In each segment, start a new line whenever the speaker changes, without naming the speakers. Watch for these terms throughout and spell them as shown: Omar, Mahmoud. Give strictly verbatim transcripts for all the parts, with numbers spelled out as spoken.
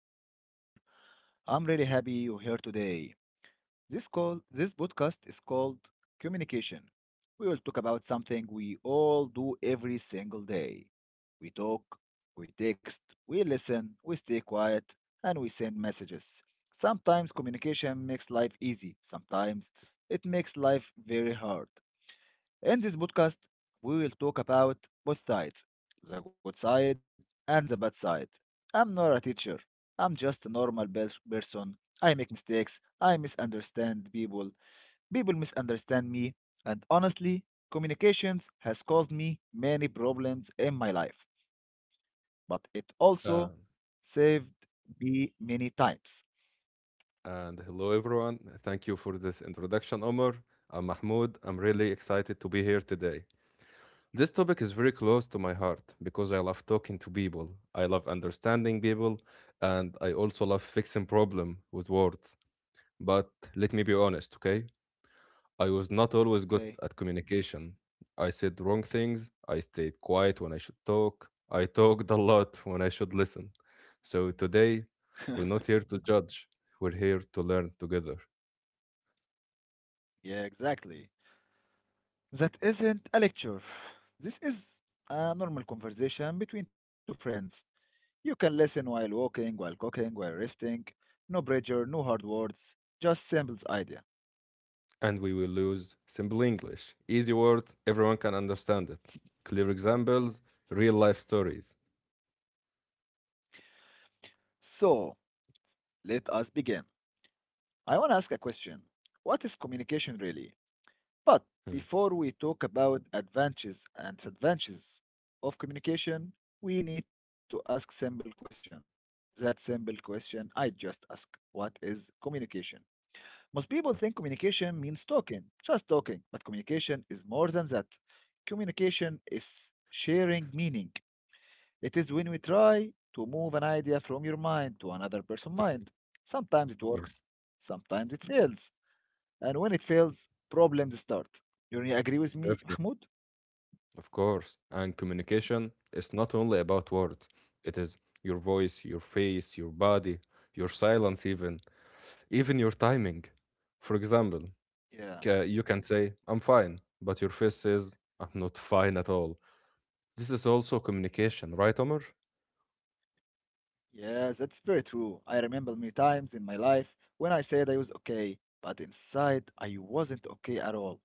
My name is Omar. I'm really happy you're here today. This call this podcast is called Communication. We will talk about something we all do every single day. We talk, we text, we listen, we stay quiet, and we send messages. Sometimes communication makes life easy. Sometimes it makes life very hard. In this podcast, we will talk about both sides, the good side and the bad side. I'm not a teacher, I'm just a normal pers- person. I make mistakes, I misunderstand people, people misunderstand me, and honestly, communications has caused me many problems in my life, but it
Uh,
also saved me many times.
and hello, everyone. Thank you for this introduction, Omar. I'm Mahmoud. I'm really excited to be here today. This topic is very close to my heart because I love talking to people. I love understanding people, and I also love fixing problem with words. But let me be honest, okay? I was not always good at
Okay.
communication. I said wrong things. I stayed quiet when I should talk. I talked a lot when I should listen. So today, we're not here to judge. We're here to learn together.
Yeah, exactly. That isn't a lecture. This is a normal conversation between two friends. You can listen while walking, while cooking, while resting. No pressure, no hard words, just simple idea.
And we will use simple English, easy words, everyone can understand it. Clear examples, real life stories.
So, let us begin. I want to ask a question. What is communication really? But
Hmm,
before we talk about advantages and disadvantages of communication, we need to ask simple question. That simple question I just asked. What is communication? Most people think communication means talking, just talking, but communication is more than that. Communication is sharing meaning. It is when we try to move an idea from your mind to another person's mind. Sometimes it
Yeah,
works, sometimes it fails. And when it fails, problems start. You really agree with me,
definitely.
Mahmoud?
Of course. And communication is not only about words, it is your voice, your face, your body, your silence, even even your timing. For example,
Yeah.
ca- you can say, I'm fine, but your face says, I'm not fine at all. This is also communication, right, Omar?
Yes, that's very true. I remember many times in my life when I said I was okay, but inside I wasn't okay at all.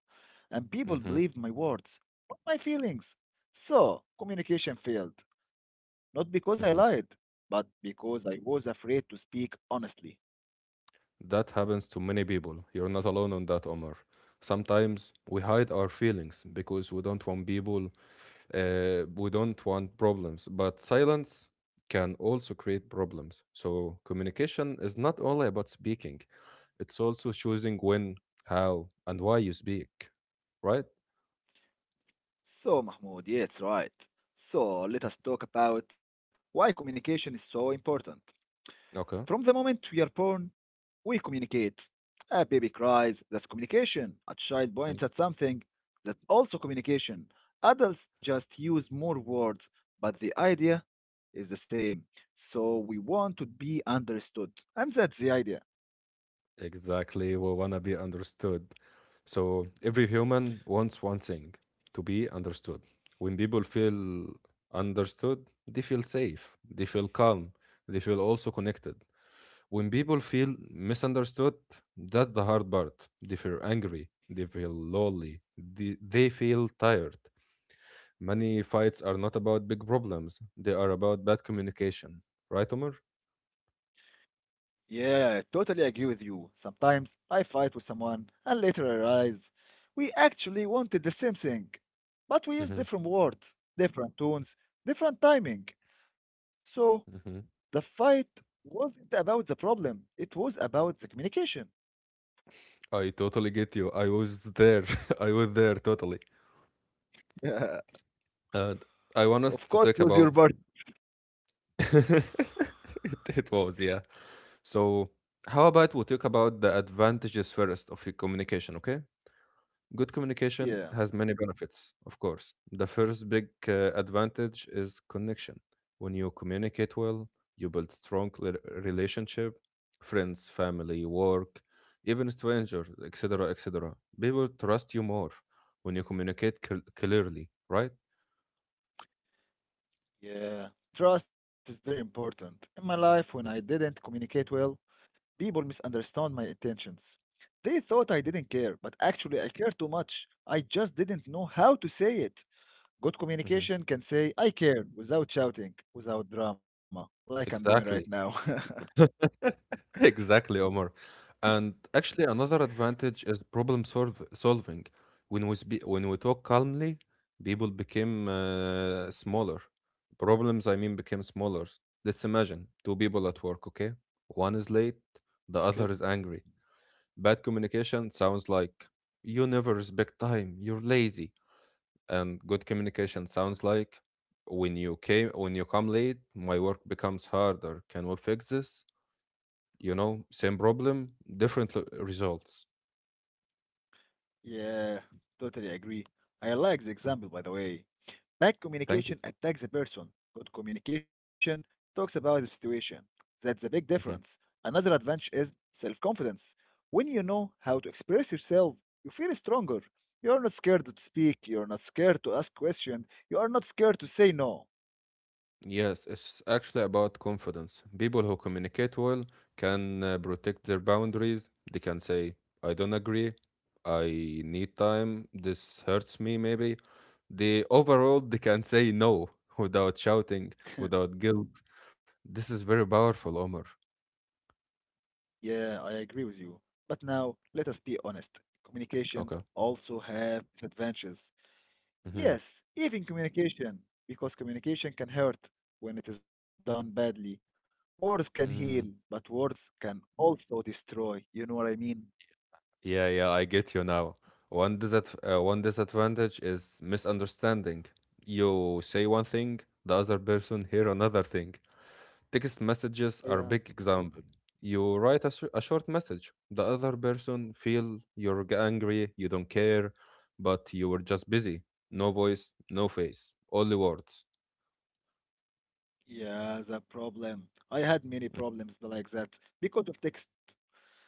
And people
Mm-hmm.
believed my words, not my feelings. So communication failed. Not because I lied,
Mm-hmm.
but because I was afraid to speak honestly.
That happens to many people. You're not alone on that, Omar. Sometimes we hide our feelings because we don't want people, uh, we don't want problems. But silence can also create problems. So communication is not only about speaking, it's also choosing when, how, and why you speak, right?
So, Mahmoud, yeah, it's right. So, let us talk about why communication is so important. From the
Okay.
moment we are born, we communicate. A baby cries, that's communication. A child
Mhm.
points at something, that's also communication. Adults just use more words, but the idea is the same. So we want to be understood. And that's the idea.
Exactly. We want to be understood. So every human wants one thing to be understood. When people feel understood, they feel safe, they feel calm, they feel also connected. When people feel misunderstood, that's the hard part. They feel angry, they feel lonely, they, they feel tired. Many fights are not about big problems, they are about bad communication. Right, Omar?
Yeah, I totally agree with you. Sometimes I fight with someone and later I realize we actually wanted the same thing, but we use different words, different tones, different timing. So
Mm-hmm.
the fight wasn't about the problem, it was about the communication.
I totally get you. I was there. I was there totally.
Yeah,
And I want us
of
to
course,
talk
was your
about
partner.
it, it was, yeah. So how about we talk about the advantages first of your communication, okay? Good communication
Yeah,
has many benefits, of course. The first big uh, advantage is connection. When you communicate well, you build strong le- relationship, friends, family, work, even strangers, et cetera, et cetera. People trust you more when you communicate cl- clearly, right?
yeah. Trust is very important. In my life, when I
Mhm.
didn't communicate well, people misunderstood my intentions. They thought I
Mhm.
didn't care, but actually, I care too much. I just didn't know how to say it. Good
Mhm.
communication can say, I care, without shouting, without drama, like I'm doing right now.
Exactly. Exactly, Omar. And actually, another advantage is problem solve solving. When we speak, when we talk calmly, people became uh, smaller. Problems, I mean, became smaller. Let's imagine two people at work. Okay, one is late, the
Okay.
other is angry. Bad communication sounds like you never respect time. You're lazy. And good communication sounds like when you came, when you come late, my work becomes harder. Can we fix this? You know, same problem, different l- results.
Yeah, totally agree. I like the
Mhm.
example, by the way. Bad
Thank you.
communication attacks a person. Good communication talks about the situation. That's a big difference.
Mhm.
Another advantage is self confidence. When you know how to express yourself, you feel stronger. You are not scared to speak, you are not scared to ask questions, you are not scared to say no.
Yes, it's actually about confidence. People who communicate well can uh, protect their boundaries. They can say, I don't agree. I need time. This hurts me. Maybe they overall they can say no without shouting, without guilt. This is very powerful, Omar.
Yeah, I agree with you. But now, let us be honest. Communication
Okay.
also have disadvantages. Yes, even communication, because communication can hurt when it is done badly. Words can heal,
Hmm.
but words can also destroy. You know what I mean?
Yeah, yeah, I get you now. One disad uh, one disadvantage is misunderstanding. You say one thing, the other person hear another thing. Text messages are
Yeah.
big example. You write a, sh- a short message, the other person feel you're g- angry, you don't care, but you were just busy. No voice, no face, only words.
Yeah, the problem. I had many problems like that because of text.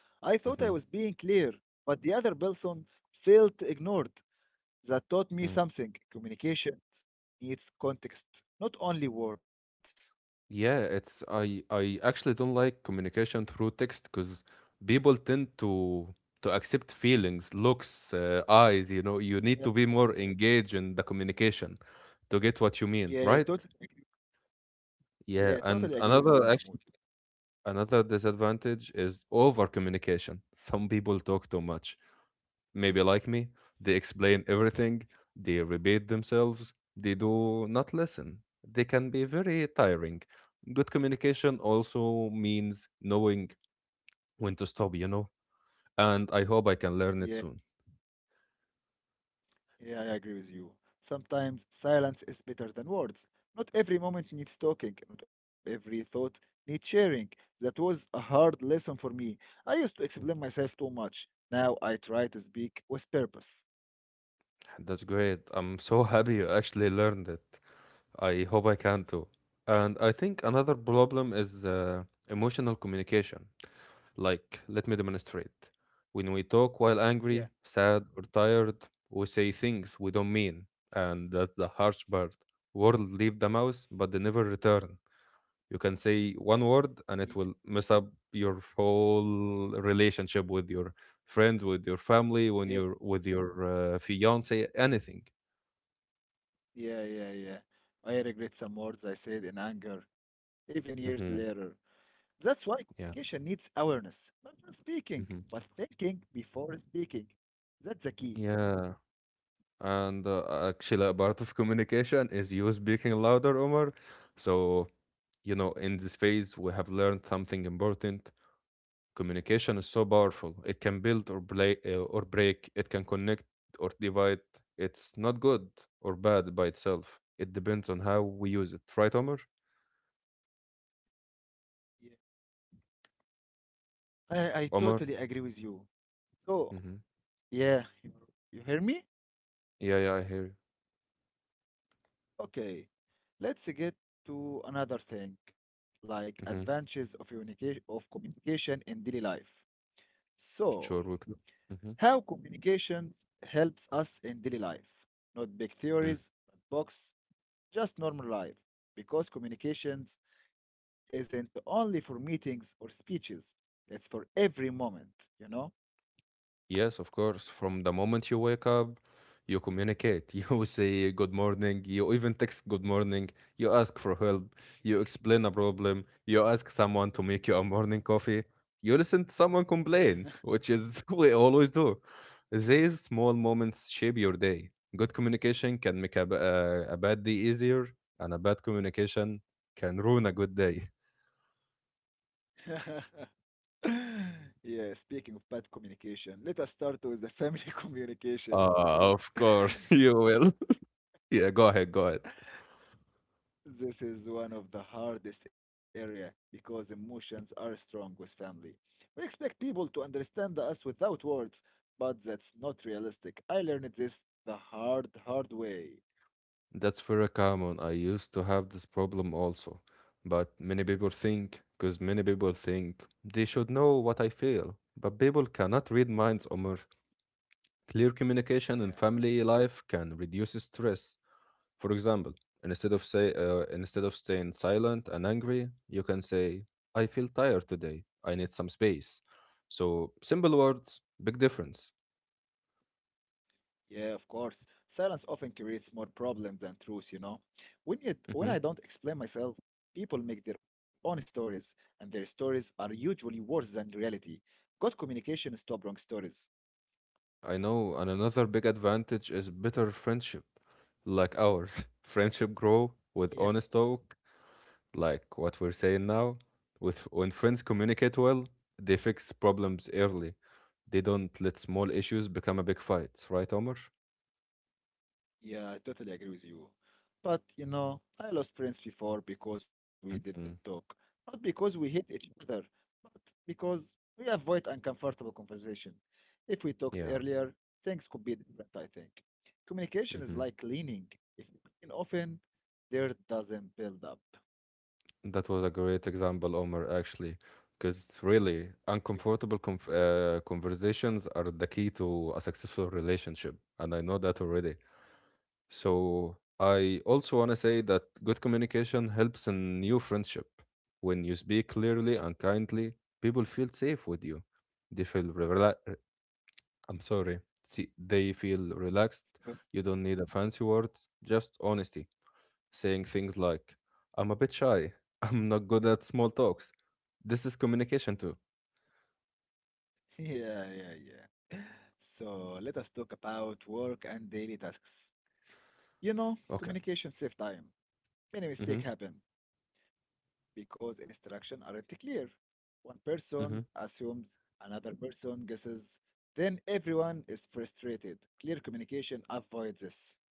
I thought I
Mm-hmm.
was
Mm-hmm.
being clear, but the other person felt ignored. That taught me
Mm-hmm.
something. Communication needs context, not only words.
Yeah, it's I I actually don't like communication through text because people tend to to accept feelings, looks, uh, eyes, you know, you
Yeah.
need to be more engaged in the communication to get what you mean,
Yeah, tot-
right?
yeah,
Yeah,
totally agree
and
with you, Mahmoud.
another actually another disadvantage is over communication. Some people talk too much, maybe like me, they explain everything, they repeat themselves, they do not listen. They can be very tiring. Good communication also means knowing when to stop, you know? And I hope I can learn
Yeah.
it soon.
Yeah, I agree with you. Sometimes silence is better than words. Not every moment needs talking, not every thought needs sharing. That was a hard lesson for me. I used to explain
Mhm.
myself too much. Now I try to speak with purpose.
That's great. I'm so happy you actually learned it. I hope I can too. And I think another problem is uh, emotional communication. Like, let me demonstrate. When we talk while
Yeah,
angry, sad, or tired, we say things we don't mean. And that's the harsh part. Words leave the mouth, but they never return. You can say one word
y-
and it will mess up your whole relationship with your friends, with your family,
yeah,
when you're with your uh, fiance, anything.
yeah, yeah, yeah. I regret some words I said in anger, even years later.
Hmm.
That's why communication
Yeah.
needs awareness, not just speaking, but
Hmm.
thinking before speaking. That's the key.
Yeah. And uh, actually, a part of communication is you speaking louder, Omar. So you know, in this phase, we have learned something important. Communication is so powerful. It can build or, bla- uh, or break, it can connect or divide. It's not good or bad by itself. It depends on how we use it. Right, Omar?
Yeah. I, I
Omar?
totally agree with you. So,
Hmm.
yeah, you you hear me?
Yeah, yeah, I hear you.
Okay, let's get to another thing, like
Hmm.
advantages of communication of communication in daily life. So,
Sure, we could.
how communications helps us in daily life? Not big
Hmm.
theories, not books, just normal life. Because communications isn't only for meetings or speeches; it's for every moment, you know?
Yes, of course. From the moment you wake up, you communicate. You say good morning. You even text good morning. You ask for help. You explain a problem. You ask someone to make you a morning coffee. You listen to someone complain, which is we always do. These small moments shape your day. Good communication can make a, b- uh, a a bad day easier, and a bad communication can ruin a good day.
Yeah, speaking of bad communication, let us start with the family communication.
Uh, of course you will. Yeah, go ahead, go ahead.
This is one of the hardest area because emotions are strong with family. We expect people to understand us without words, but that's not realistic. I learned this the hard, hard way.
That's very common. I used to have this problem also. But many people think, Because many people think they should know what I feel. But people cannot read minds, Omar. Clear communication in
Yeah.
family life can reduce stress. For example, instead of say uh, instead of staying silent and angry, you can say, "I feel tired today. I need some space." So simple words, big difference.
Yeah, of course. Silence often creates more problems than truth, you know. When it, when I don't explain myself, people make their own stories, and their stories are usually worse than reality. Good communication stop wrong stories.
I know, and another big advantage is better friendship, like ours. Friendship grow with
Yeah.
honest talk, like what we're saying now. With when friends communicate well, they fix problems early. They don't let small issues become a big fight, right, Omar?
Yeah, I totally agree with you. But you know, I lost friends before because we didn't talk,
Mhm.
not because we hate each other, but because we avoid uncomfortable conversation. If we talked
Yeah.
earlier, things could be different, I think. Communication is
Hmm.
like cleaning. If you clean often, dirt doesn't build up.
That was a great example, Omar, actually, because really
Cue
uncomfortable conf uh, conversations are the key to a successful relationship, and I know that already. So I also want to say that good communication helps in new friendship. When you speak clearly and kindly, people feel safe with you. They feel rela- I'm sorry. See, they feel relaxed.
my-
You don't need a fancy word, just honesty. Saying things like, "I'm a bit shy. I'm not good at small talks." This is communication too.
Yeah, yeah, yeah. So let us talk about work and daily tasks. You know,
Okay.
communication save time. Many
Mm-hmm.
mistakes happen because instructions aren't clear. One person
Mm-hmm.
assumes, another person guesses, then everyone is frustrated. Clear communication avoids this.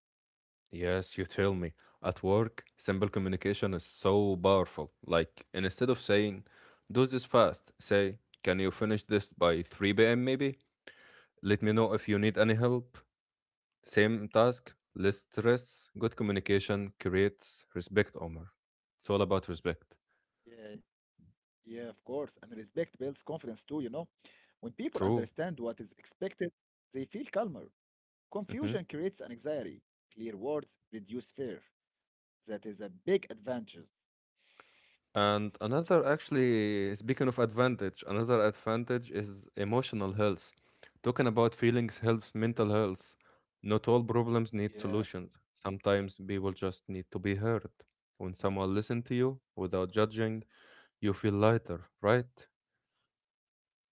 Yes, you tell me. At work, simple communication is so powerful. Like, instead of saying, do this fast, say, can you finish this by three p m maybe? Let me know if you need any help. Same task, less stress. Good communication creates respect, Omar. It's all about respect.
Yeah, yeah, of course. And respect builds confidence too, you know. When people
True.
understand what is expected, they feel calmer.
Mhm.
Confusion creates anxiety. Clear words reduce fear. That is a big advantage.
And another, actually, speaking of advantage, another advantage is emotional health. Talking about feelings helps mental health. Not all problems need
Yeah,
solutions. Sometimes people just need to be heard. When someone listens to you without judging, you feel lighter, right?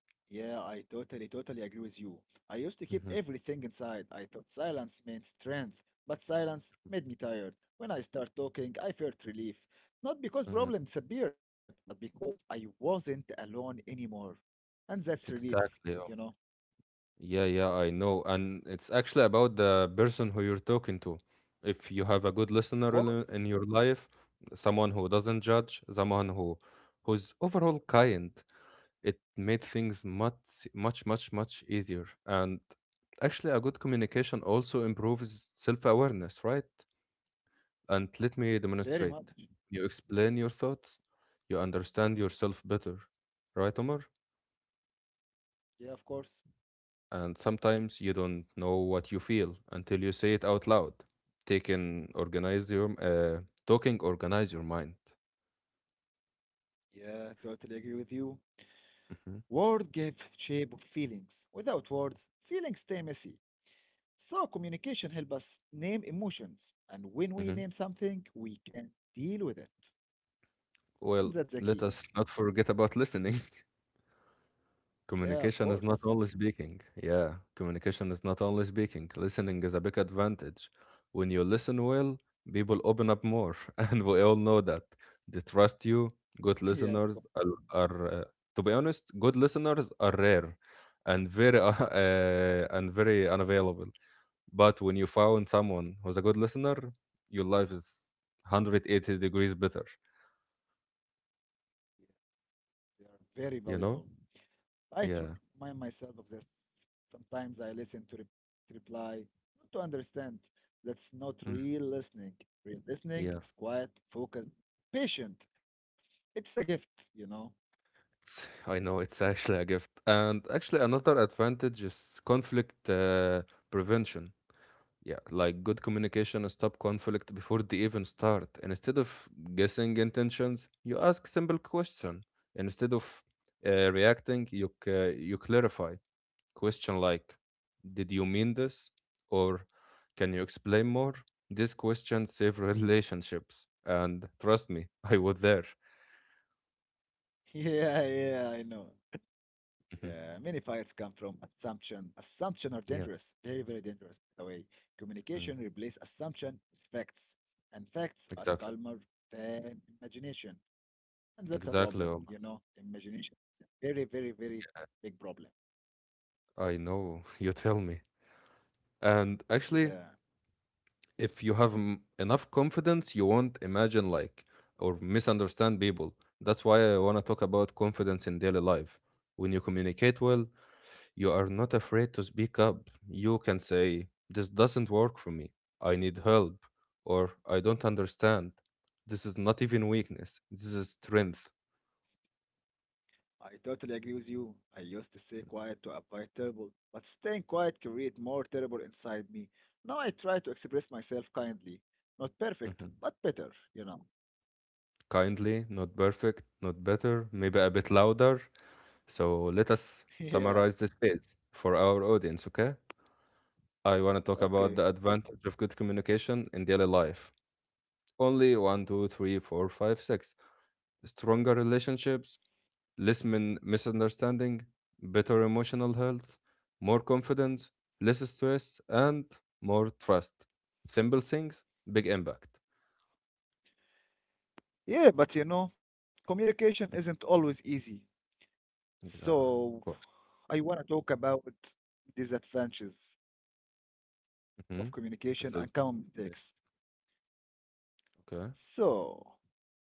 yeah, I totally, totally agree with you. I used to keep
Mm-hmm.
everything inside. I thought silence meant strength, but silence made me tired. When I start talking, I felt relief. Not because
Mm-hmm.
problem disappeared, but because I wasn't alone anymore. And that's relief, you
Exactly.
know.
Yeah, yeah, I know. And it's actually about the person who you're talking to. If you have a good
Of
listener in,
course,
in your life, someone who doesn't judge, someone who who's overall kind, it made things much much much much easier. And actually a good communication also improves self-awareness, right? And let me
very much.
demonstrate. You explain your thoughts, you understand yourself better. Right, Omar?
Yeah, of course.
And sometimes you don't know what you feel until you say it out loud. Taking organize your uh, Talking organize your mind.
Yeah, totally agree with you.
Hmm.
Words give shape of feelings. Without words, feelings stay messy. So communication helps us name emotions, and when we
Hmm.
name something, we can deal with it. And that's the
Well,
key.
let us not forget about listening.
Yeah, of course.
Communication is not only speaking. Yeah, communication is not only speaking. Listening is a big advantage. When you listen well, people open up more, and we all know that. They trust you. Good
Yeah, of course.
listeners are, are uh, To be honest, good listeners are rare and very uh, uh, and very unavailable. But when you found someone who's a good listener, your life is one hundred eighty degrees better,
Yeah, they are very
you
valuable.
know?
I try to
Yeah.
remind myself of this. Sometimes I listen to, re- to reply, not to understand. That's not
Mm.
real listening. Real
Yeah.
listening is quiet, focused, patient. It's a gift, you know.
I know, it's actually a gift. And actually, another advantage is conflict uh, prevention. Yeah, like good communication stop conflict before they even start. And instead of guessing intentions, you ask simple question. And instead of uh, reacting, you c- you clarify. Question like, "Did you mean this?" or "Can you explain more?" These questions save relationships. And trust me, I was there.
Yeah, yeah, I know.
Mhm.
Yeah, many fights come from assumption. Assumption are
Yeah,
dangerous, very, very dangerous, by the way.
mhm.
Communication replace assumption with facts, and facts
Exactly.
are calmer than imagination. And that's a problem,
Exactly,
you
Omar.
know, imagination is a very, very, very big problem.
I know. You tell me. And actually,
Yeah,
if you have m- enough confidence, you won't imagine like or misunderstand people. That's why I want to talk about confidence in daily life. When you communicate well, you are not afraid to speak up. You can say, this doesn't work for me. I need help. Or I don't understand. This is not even weakness. This is strength.
I totally agree with you. I used to say quiet to avoid trouble, but staying quiet create more trouble inside me. Now I try to express myself kindly. Not perfect,
Mhm.
but better, you know.
Kindly, not perfect, not better, maybe a bit louder. So let us
Yeah,
summarize this phase for our audience, okay? I want to talk
okay.
about the advantage of good communication in daily life. Only one, two, three, four, five, six. Stronger relationships, less min- misunderstanding, better emotional health, more confidence, less stress, and more trust. Simple things, big impact.
Yeah, but you know, communication isn't always easy.
Yeah,
So
of course.
I want to talk about disadvantages of
Hmm.
communication
That's a,
and common mistakes.
okay.
So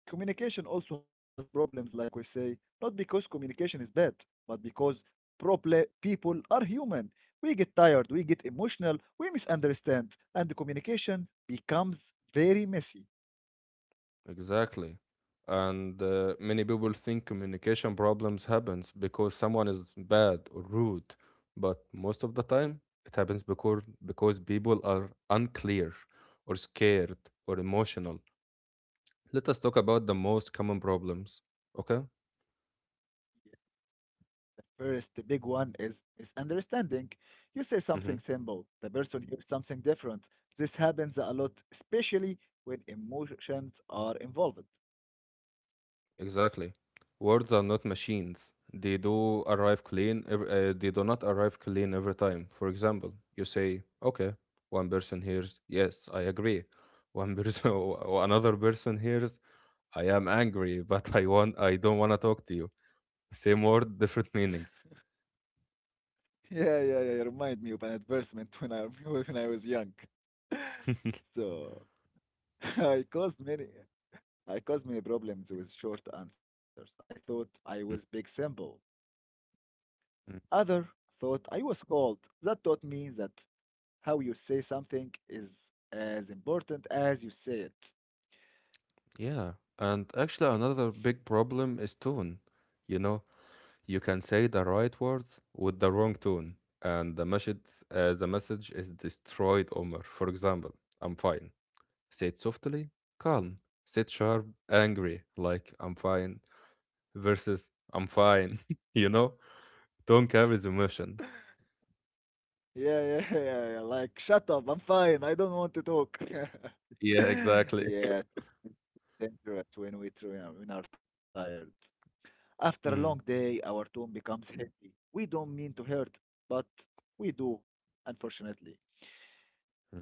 communication also has problems, like we say, not because communication is bad, but because proble- people are human. We get tired, we get emotional, we misunderstand, and the communication becomes very messy.
Exactly. And uh, many people think communication problems happens because someone is bad or rude, but most of the time it happens because because people are unclear or scared or emotional. Let us talk about the most common problems, okay?
First, the big one is misunderstanding. You say something
Mm-hmm.
simple, the person hears something different. This happens a lot, especially when emotions are involved.
Exactly. Words are not machines. They do arrive clean. Every, uh, they do not arrive clean every time. For example, you say, "Okay," one person hears, "Yes, I agree." One person, o- another person hears, "I am angry, but I want, I don't want to talk to you." Same word, different meanings.
Yeah, yeah, yeah. You remind me of an advertisement when I when I was young. So I caused many I caused many problems with short answers. I thought I was big simple.
Mm.
Other thought I was cold. That taught me that how you say something is as important as you say it.
Yeah, and actually, another big problem is tone. You know, You can say the right words with the wrong tone, and the message, uh, the message is destroyed, Omar. For example, I'm fine. Say it softly, calm. Say it sharp, angry, like I'm fine, versus I'm fine. you know, tone carries emotion.
Yeah, yeah, yeah, yeah. Like, shut up. I'm fine. I don't want to talk.
Yeah, exactly.
Yeah, it's dangerous when we try when are tired. After a
Mm.
long day, our tone becomes heavy. We don't mean to hurt, but we do, unfortunately.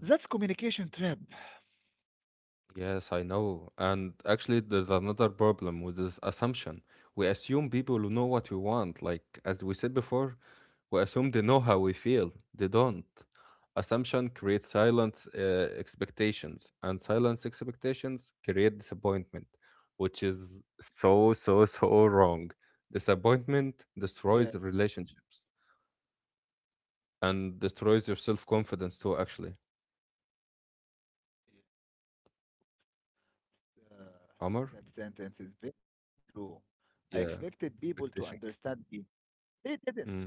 That's communication trap.
Yes, I know. And actually, there's another problem with this assumption. We assume people will know what we want. Like, as we said before, we assume they know how we feel. They don't. Assumption creates silent uh, expectations, and silent expectations create disappointment, which is so, so, so wrong. Disappointment
Yeah,
destroys relationships and destroys your self
it-
confidence too, actually.
it, uh,
Amar?
that sentence is very true. I
Yeah,
expected people to
expectation.
understand me, they didn't.
Hmm.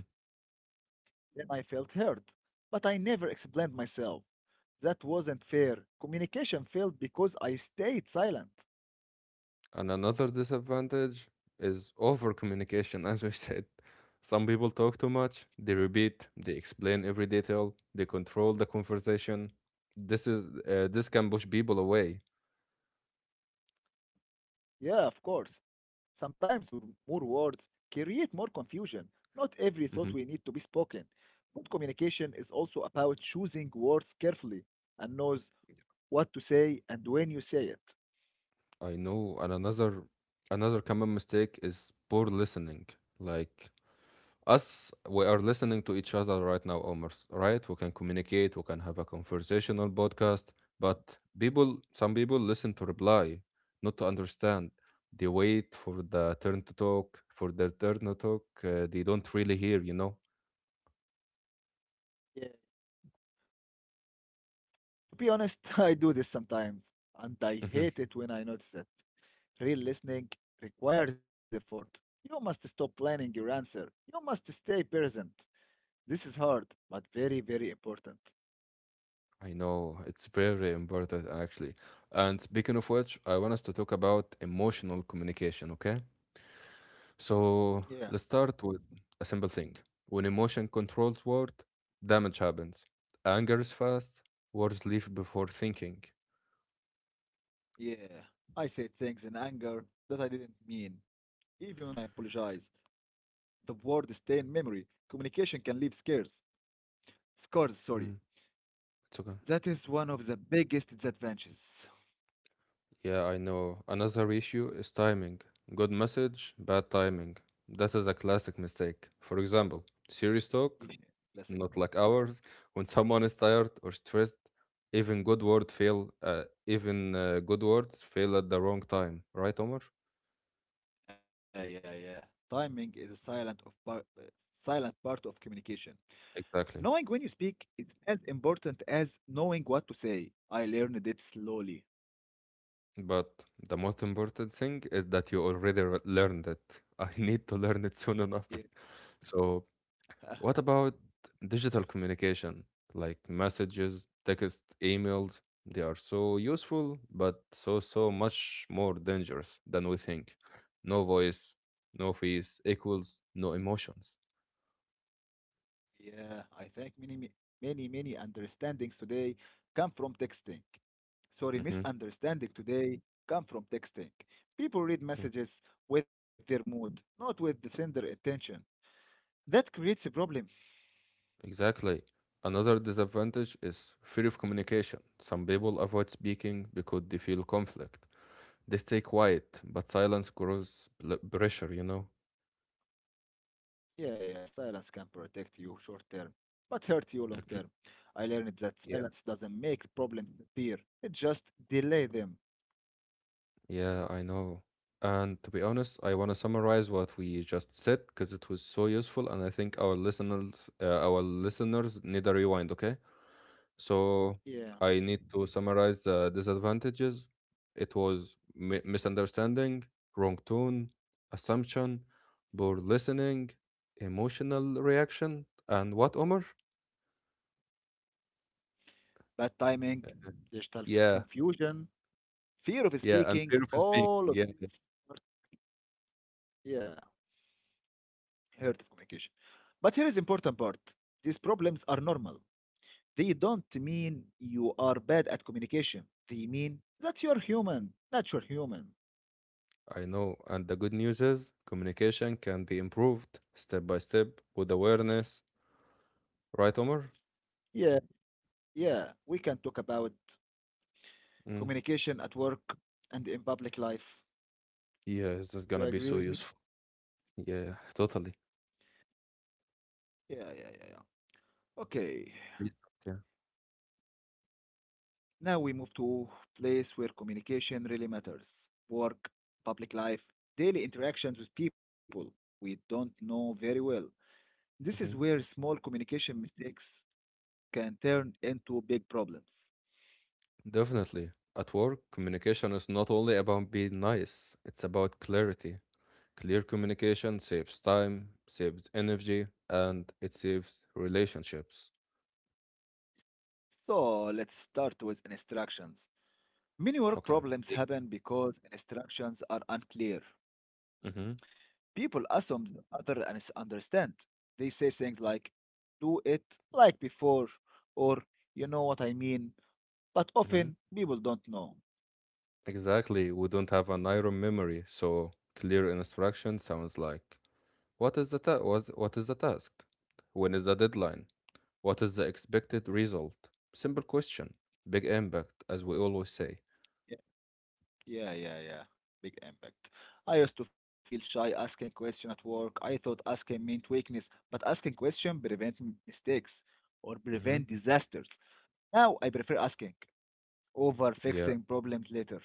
Then I felt hurt. But I never explained myself. That wasn't fair. Communication failed because I stayed silent.
And another disadvantage is over communication, as we said. Some people talk too much,
Yeah,
they repeat, they explain every detail, they control the conversation. This is uh, this can push people away.
yeah of course. Sometimes w- more words create more confusion. Not every thought we
Hmm.
need to be spoken. Good communication is also about choosing words carefully and knows what to say and when you say it.
I know, and another another common mistake is poor listening. Like us, we are listening to each other right now, almost right. We can communicate, we can have a conversational podcast, but people some people listen to reply, not to understand. They wait for the turn to talk for their turn to talk, uh, they don't really hear you know
Yeah. To be honest, I do this sometimes, and I
Mhm.
hate it when I notice it. Real listening requires effort. You must stop planning your answer. You must stay present. This is hard, but very, very important.
I know, it's very important, actually. And speaking of which, I want us to talk about emotional communication, okay?
Yeah,
So let's start with a simple thing. When emotion controls word, damage happens. Anger is fast, words leave before thinking.
yeah. I said things in anger that I didn't mean. Even when I apologize, the words stay in memory. Communication can leave scars. Scars, sorry.
Mm, it's okay.
That is one of the biggest disadvantages.
Yeah, I know. Another issue is timing. Good message, bad timing. That is a classic mistake. For example, serious
Yeah,
talk,
classic.
not like ours. When someone is tired or stressed, even good word fail. Uh, even uh, good words fail at the wrong time. Right, Omar?
Ah, yeah, yeah. Timing is a silent of part, uh, silent part of communication. Knowing
Exactly.
when you speak is as important as knowing what to say. I learned it slowly.
But the most important thing is that you already re- learned it. I need to learn it soon
Yeah,
enough. So, what about digital communication like messages, text, emails? They are so useful, but so, so much more dangerous than we think. No voice, no face equals no emotions.
yeah. I think many, mi- many, many understandings today come from texting. Sorry,
Hmm.
misunderstanding today come from texting. People read messages with their mood, not with the sender intention. That creates a problem
Exactly. Another disadvantage is fear of communication. Some people avoid speaking because they feel conflict. They stay quiet, but silence grows pl- pressure, you know?
Yeah, yeah, silence can protect you short term, but hurt you long term.
Mhm.
I learned that
Yeah.
silence doesn't make problems disappear, it just delay them.
Yeah, I know. And to be honest, I want to summarize what we just said because it was so useful, and I think our listeners, uh, our listeners need a rewind. Okay, so
Yeah,
I need to summarize the disadvantages. It was mi- misunderstanding, wrong tone, assumption, poor listening, emotional reaction, and what, Omar?
bad timing, digital f-
Yeah,
confusion, fear of
yeah, and
speaking,
fear of speaking.
all of
Yeah,
this. are- Yeah, hurt of communication. But here is important part. These problems are normal. They don't mean you are bad at communication. They mean that you're human, natural human.
I know, and the good news is communication can be improved step by step with awareness, right, Omar?
Yeah, yeah, we can talk about
Mm.
communication at work and in public life.
Yeah, this is
You
gonna be
agree
so
with me?
useful. Yeah, totally.
Yeah, yeah, yeah, yeah. Okay.
Please. Yeah.
Now we move to place where communication really matters. Work, public life, daily interactions with people we don't know very well. This is where
Mhm.
small communication mistakes can turn into big problems.
Definitely. At work, communication is not only about being nice, it's about clarity. Clear communication saves time, saves energy, and it saves relationships.
So let's start with instructions. Many work
Okay.
problems happen because instructions are unclear.
Mm-hmm.
People assume the other and is understand. They say things like, do it like before, or you know what I mean. But
Mm-hmm.
often people don't know.
Exactly. We don't have an iron memory, so clear instruction sounds like, What is the ta- was, what is the task? When is the deadline? What is the expected result? Simple question, big impact, as we always say.
Yeah, yeah, yeah. yeah. Big impact. I used to feel shy asking question at work. I thought asking meant weakness, but asking question prevent m- mistakes or
Hmm.
prevent disasters. Now I prefer asking over
Yeah,
fixing problems later.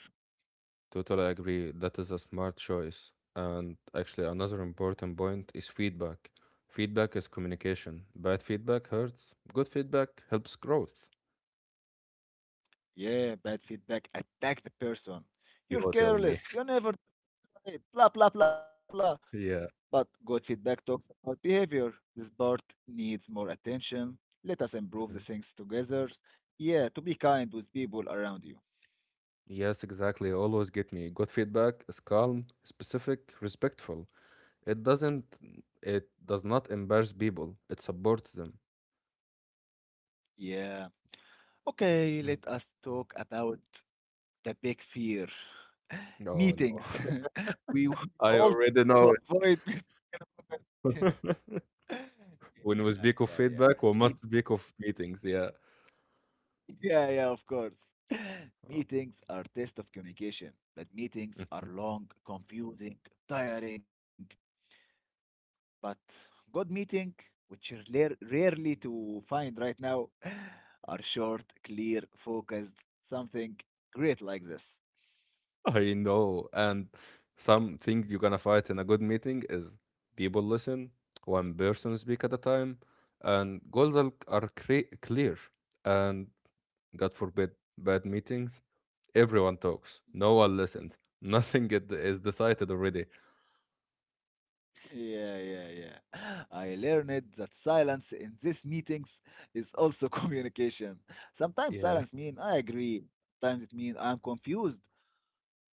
totally agree. That is a smart choice. And actually, another important point is feedback. Feedback is communication. Bad feedback hurts. Good feedback helps growth.
Yeah, bad feedback attack the person.
You
You're
will tell me.
careless. You never Hey, blah blah blah blah.
Yeah.
But good feedback talks about behavior. This part needs more attention. Let us improve
Hmm.
the things together. Yeah, to be kind with people around you.
Yes, exactly. Always get me. Good feedback is calm, specific, respectful. It doesn't it does not embarrass people. It supports them.
Yeah. Okay,
Mm.
let us talk about the big fear.
Oh no.
Meetings. we w-
I
also
already know it.
avoid meet- yeah,
When we
yeah,
speak of
yeah.
feedback, we
Meet
must speak of meetings, yeah.
Yeah, yeah, of course.
Oh.
Meetings are test of communication, but meetings are long, confusing, tiring, but good meeting, which are rare, rarely to find right now, are short, clear, focused, something great like this.
I know. And some things you're gonna fight in a good meeting is people listen, one person speak at a time, and goals are, are cre- clear. And God forbid, bad meetings, everyone talks, no one listens, nothing get, is decided already.
Yeah, yeah, yeah. I learned that silence in these meetings is also communication. Sometimes silence
Yeah.
means I agree. Sometimes it means I'm confused.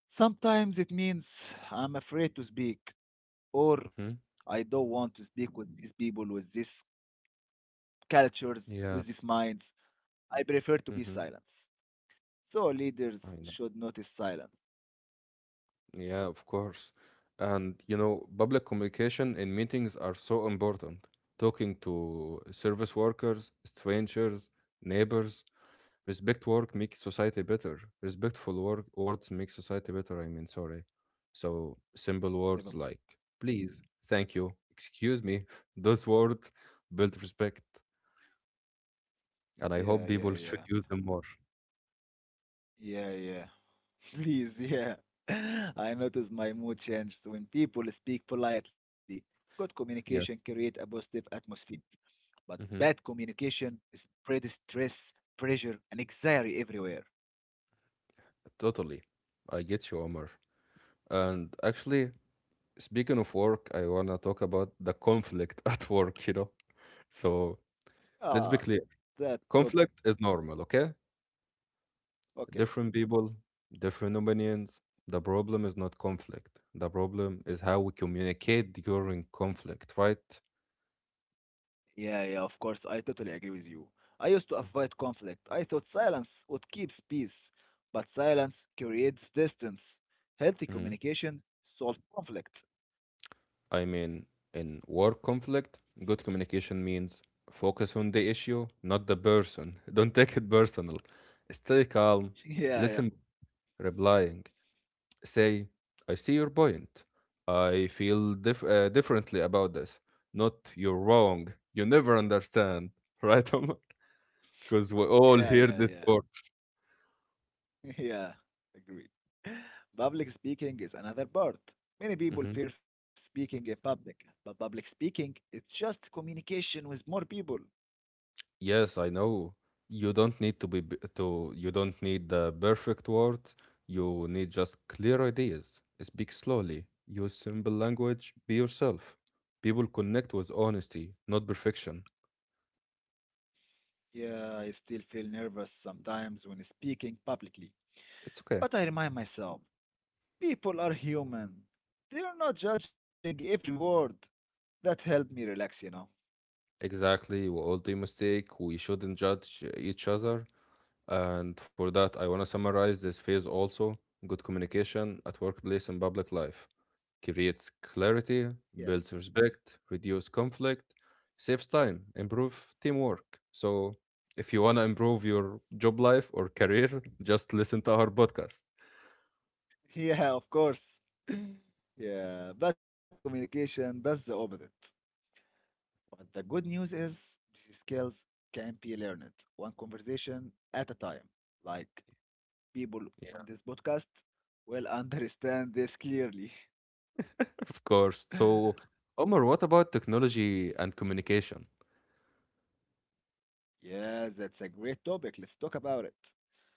Sometimes it means I'm afraid to speak or
Hmm.
I don't want to speak with these people, with these cultures,
Yeah.
with these minds. I prefer to be
Hmm.
silence. So
I know.
leaders should notice silence.
Yeah, of course. And you know, public communication in meetings are so important. Talking to service workers, strangers, neighbors, respect work makes society better. Respectful wor- words make society better. I mean, sorry. So simple words
Never mind.
like please, thank you, excuse me, those words build respect, and I
Yeah,
hope
yeah,
people
yeah.
should use them more.
Yeah, yeah. Please, yeah. I notice my mood changes when people speak politely. Good communication
Yeah,
create a positive atmosphere, but bad
hmm,
communication spread stress, pressure, and anxiety everywhere.
totally. I get you, Omar. And actually, speaking of work, I wanna talk about the conflict at work. You know, so
Ah,
let's be clear.
that topic.
Conflict is normal, okay?
Okay.
Different people, different opinions. The problem is not conflict. The problem is how we communicate during conflict, right?
Yeah, yeah, of course. I totally agree with you. I used to avoid conflict. I thought silence would keep peace, but silence creates distance. Healthy
Mhm.
communication solves conflict.
I mean, in war conflict, good communication means focus on the issue, not the person. Don't take it personal. Stay calm, listen, replying. Say, I see your point. I feel dif- uh, differently about this. Not you're wrong. You never understand, right? Because we
Yeah, yeah,
all
yeah, yeah,
hear this
yeah.
word.
Yeah, agree. Public speaking is another part. Many people
Hmm.
fear speaking in public, but public speaking it's just communication with more people.
Yes, I know. You don't need to be b- to you don't need the perfect words. You need just clear ideas. Speak slowly. Use simple language. Be yourself. People connect with honesty, not perfection.
Yeah, I still feel nervous sometimes when speaking publicly,
It's okay.
but I remind myself people are human. They're not judging every word. That helped me relax, you know.
Exactly. We all do mistake. We shouldn't judge each other. And for that, I want to summarize this phase also. Good communication at workplace and public life creates clarity,
Yeah.
builds respect, reduce conflict, saves time, improve teamwork. So if you want to improve your job life or career, just listen to our podcast.
Yeah, of course. yeah, bad communication, that's the opposite. But the good news is these skills can be learned one conversation at a time. Like people
Yeah,
on this podcast will understand this clearly.
of course. So, Omar, what about technology and communication?
yeah, that's a great topic. Let's talk about it.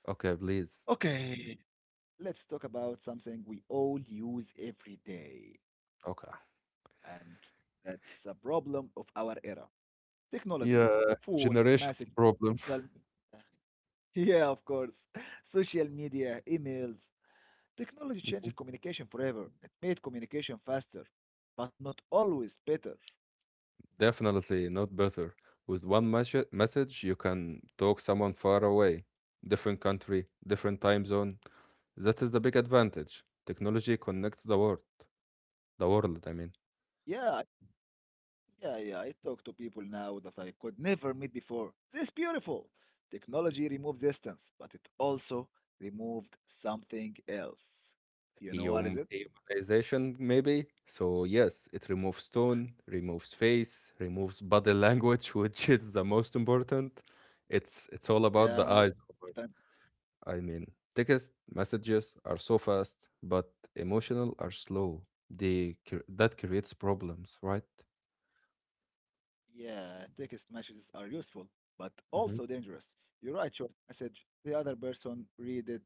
Okay, please.
Okay, let's talk about something we all use every day,
Okay.
and that's a problem of our era. Technology,
Yeah,
phones, message,
generational problem.
social media. Yeah, of course. Social media, emails. Technology changed communication forever. It made communication faster, but not always better.
Definitely not better. With one mes- message, you can talk someone far away, different country, different time zone. That is the big advantage. Technology connects the world, the world, I mean.
Yeah, yeah, yeah. I talk to people now that I could never meet before. This is beautiful. Technology removed distance, but it also removed something else. You know what is
Hum-
it?
Humanization, maybe? So, yes, it removes tone, removes face, removes body language, which is the most important. It's, it's all
Yeah,
about the
most.
eyes. I mean, text messages are so fast, but emotional are slow. They cre- that creates problems, right?
Yeah, text messages are useful, but also
Hmm.
dangerous. You write short message, the other person read it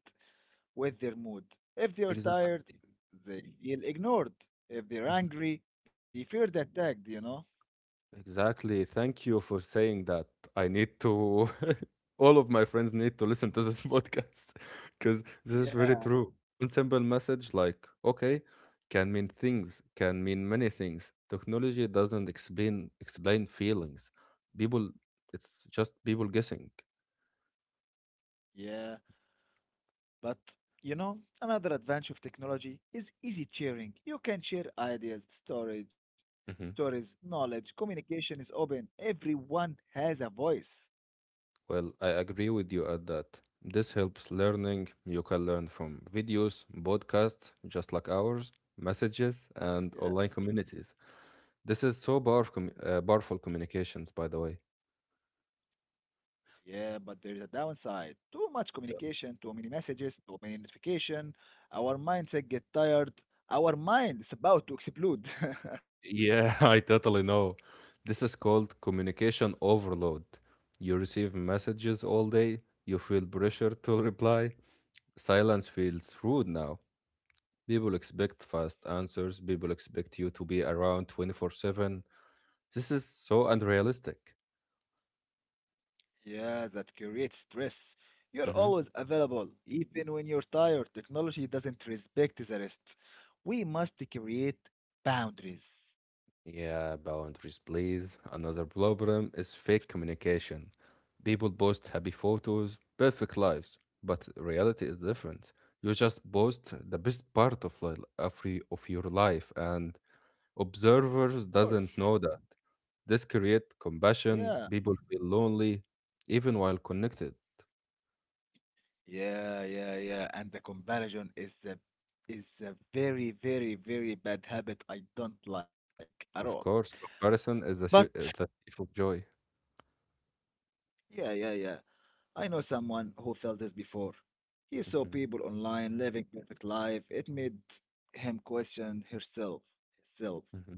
with their mood. If they're tired,
Exactly.
they feel ignored. If they're angry, they feel attacked, you know?
Exactly. Thank you for saying that. I need to. All of my friends need to listen to this podcast because this is very
Yeah.
true. One simple message like "okay" can mean things, can mean many things. Technology doesn't explain explain feelings. People, it's just people guessing.
Yeah, but you know, another advantage of technology is easy sharing. You can share ideas, storage, stories, knowledge. Communication is open. Everyone has a voice.
Well, I agree with you at that. This helps learning. You can learn from videos, podcasts, just like ours, messages, and online communities. This is so powerful, uh, powerful communications, by the way.
Yeah, but there is a downside. Too much communication, too many messages, too many notification. Our mindset get tired. Our mind is about to explode.
Yeah, I totally know. This is called communication overload. You receive messages all day, you feel pressure to reply. Silence feels rude now. People expect fast answers, people expect you to be around twenty-four seven. This is so unrealistic.
Yeah, that creates stress. You're
Hmm.
always available, even when you're tired. Technology doesn't respect the rest. We must create boundaries.
Yeah, boundaries, please. Another problem is fake communication. People post happy photos, perfect lives, but reality is different. You just post the best part of li- of re- of your life, and
Of
observers
course.
doesn't know that. This create
Yeah.
compassion. People feel lonely, even while connected.
Yeah, yeah, yeah. And the comparison is a is a very, very, very bad habit I don't like at
Of
all.
course, comparison is the shi-
But
uh, the thief of joy.
yeah, yeah, yeah. I know someone who felt this before. He saw
Mhm,
people online living perfect life. It made him question herself, himself.
mhm.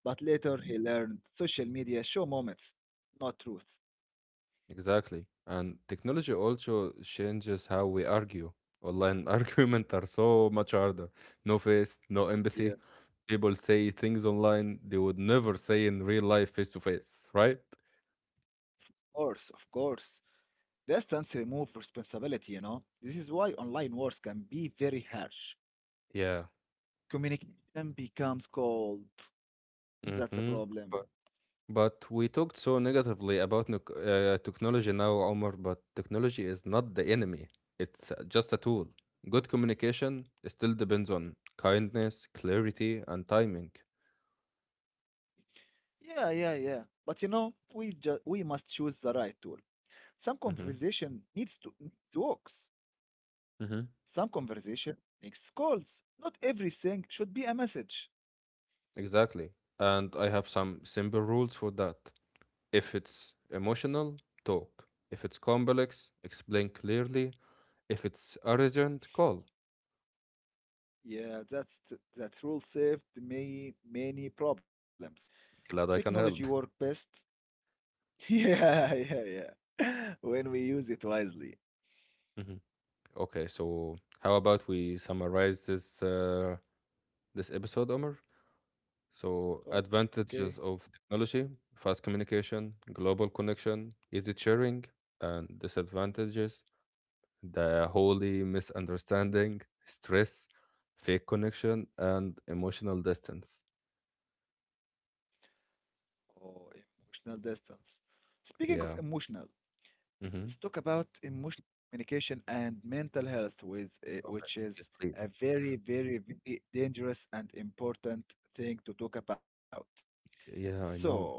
But later he learned social media show moments, not truth.
Exactly. And technology also changes how we argue. Online arguments are so much harder. No face, no empathy.
Yeah.
People say things online they would never say in real life face to face, right?
Of course, of course. Distance remove responsibility, you know. This is why online wars can be very harsh.
Yeah.
Communication becomes cold. That's a problem.
Mm-hmm. But, but we talked so negatively about noc- uh, technology now, Omar, but technology is not the enemy. It's uh, just a tool. Good communication still depends on kindness, clarity, and timing.
Yeah, yeah, yeah. But you know, we just we must choose the right tool. Some
Mm-hmm.
conversation needs to needs walks. Some conversation needs calls. Not everything should be a message.
Exactly. And I have some simple rules for that. If it's emotional, talk. If it's complex, explain clearly. If it's urgent, call.
Yeah, that's t- that rule saved me many problems.
Glad I
Technology
can
work
help.
best. yeah, yeah, yeah. when we use it wisely.
Mhm. Okay, so how about we summarize this uh, this episode, Omar? So
Okay.
advantages of technology, fast communication, global connection, easy sharing, and disadvantages, the holy misunderstanding, stress, fake connection, and emotional distance.
Oh, emotional distance. Speaking of
Yeah.
emotional, let's
Mm-hmm.
talk about emotional communication and mental health, with, uh,
Okay.
which
Yes,
is
please.
a very, very, very dangerous and important thing to talk about.
Yeah, I
So,
know.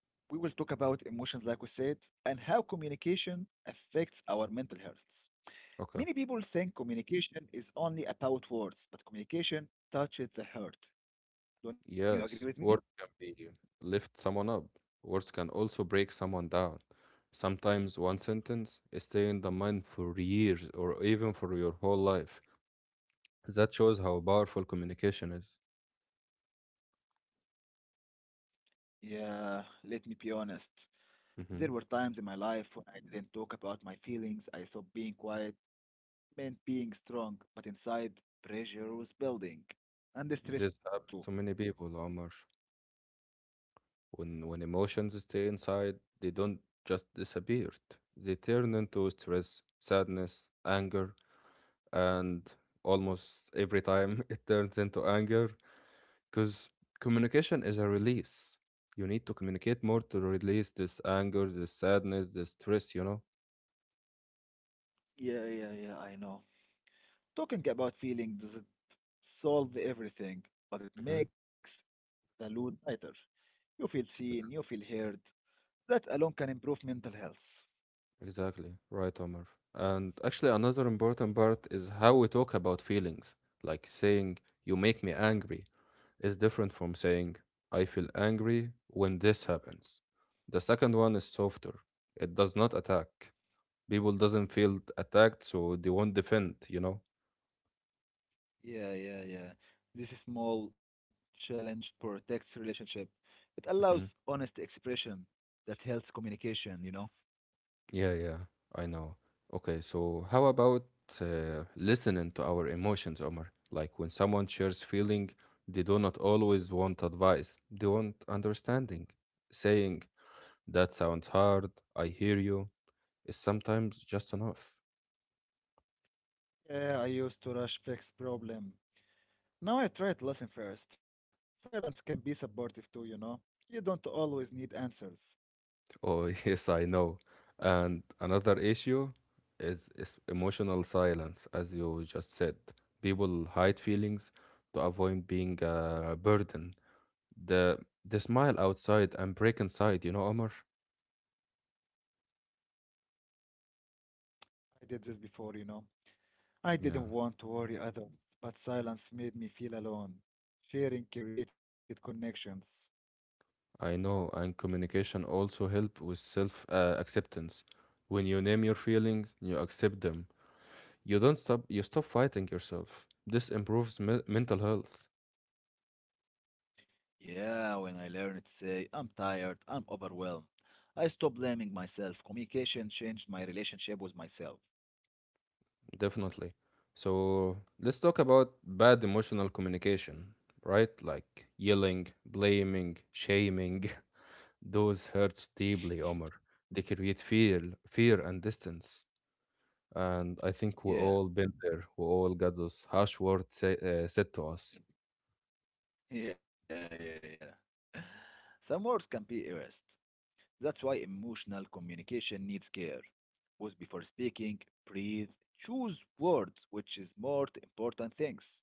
we will talk about emotions, like we said, and how communication affects our mental health.
Okay.
Many people think communication is only about words, but communication touches the heart. Don't you agree with me?
Yes. Words can be lift someone up. Words can also break someone down. Sometimes one sentence eh, stay in the mind for years or even for your whole life. That shows how powerful communication is.
Yeah, let me be honest. There were
Mm-hmm.
times in my life when I didn't talk about my feelings. I thought being quiet meant being strong, but inside, pressure was building. And the stress
This
too.
happens to many people, Omar. When when emotions stay inside, they don't just disappear. They turn into stress, sadness, anger, and almost every time it turns into anger because communication is a release. You need to communicate more to release this anger, this sadness, this stress, you know?
Yeah, yeah, yeah, I know. Talking about feeling doesn't solve everything, but it
Hmm.
makes the load lighter. You feel seen, you feel heard. That alone can improve mental health.
Exactly. Right, Omar. And actually, another important part is how we talk about feelings, like saying, you make me angry is different from saying, I feel angry when this happens. The second one is softer. It does not attack. People doesn't feel attacked, so they won't defend, you know?
Yeah, yeah, yeah. This small challenge protects relationship. It allows
Hmm.
honest expression that helps communication, you know?
Yeah, yeah, I know. Okay, so how about uh, listening to our emotions, Omar? Like when someone shares feeling, they do not always want advice. They want understanding. Saying, that sounds hard, I hear you, is sometimes just enough.
Yeah, I used to rush fix problem. Now I try to listen first. Silence can be supportive too, you know. You don't always need answers.
Oh, yes, I know. And another issue is, is emotional silence, as you just said. People hide feelings to avoid being uh, a burden. The the smile outside and break inside, you know, Omar?
I did this before, you know. I
Yeah,
didn't want to worry others, but silence made me feel alone. Sharing created connections.
I know. And communication also help with self uh, acceptance. When you name your feelings, you accept them. You don't stop. You stop fighting yourself. This improves me mental health.
Yeah, when I learned to say, I'm tired, I'm overwhelmed, I stopped blaming myself. Communication changed my relationship with myself.
Definitely. So let's talk about bad emotional communication, right? Like yelling, blaming, shaming. Those hurts deeply, Omar. They create fear, fear and distance. And I think we
Yeah.
all been there. We all got those harsh words say, uh,
but-
said to us.
Yeah, yeah, yeah. Some words can be erased. That's why emotional communication needs care. Pause before speaking, breathe, choose words, which is more t- important things.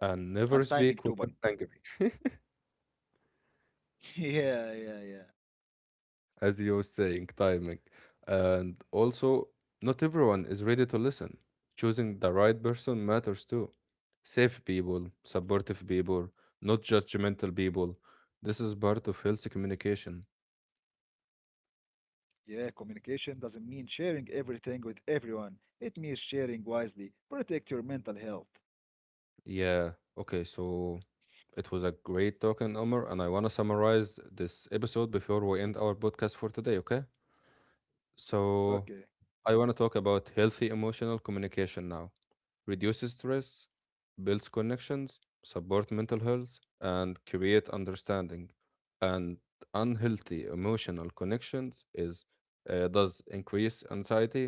And never
And timing
speak when
too, by
you're
the way.
angry.
Yeah, yeah, yeah.
As you were saying, timing. And also, not everyone is ready to listen. Choosing the right person matters too. Safe people, supportive people, not judgmental people. This is part of healthy communication.
Yeah, communication doesn't mean sharing everything with everyone. It means sharing wisely. Protect your mental health.
Yeah, okay, so it was a great talking, Omar, and I want to summarize this episode before we end our podcast for today, okay? So,
Okay.
I want to talk about healthy emotional communication now. Reduces stress, builds connections, support mental health, and create understanding. And unhealthy emotional connections is uh, does increase anxiety,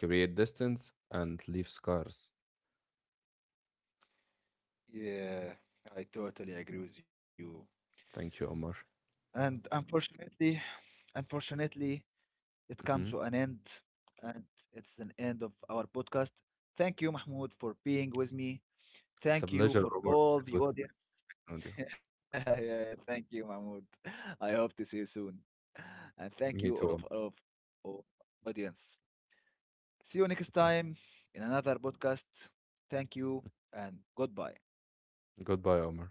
create distance, and leave scars.
Yeah, I totally agree with you.
Thank you, Omar.
And unfortunately, unfortunately, it
Hmm.
comes to an end, and it's an end of our podcast. Thank you, Mahmoud, for being with me.
It's a
Thank you
pleasure,
for
Omar.
all
It
the
was
audience.
good on you.
yeah, yeah, yeah. Thank you, Mahmoud. I hope to see you soon. And thank you,
Me
all of,
too. Omar.
all of all audience. See you next
Okay.
time in another podcast. Thank you and goodbye.
Goodbye, Omar.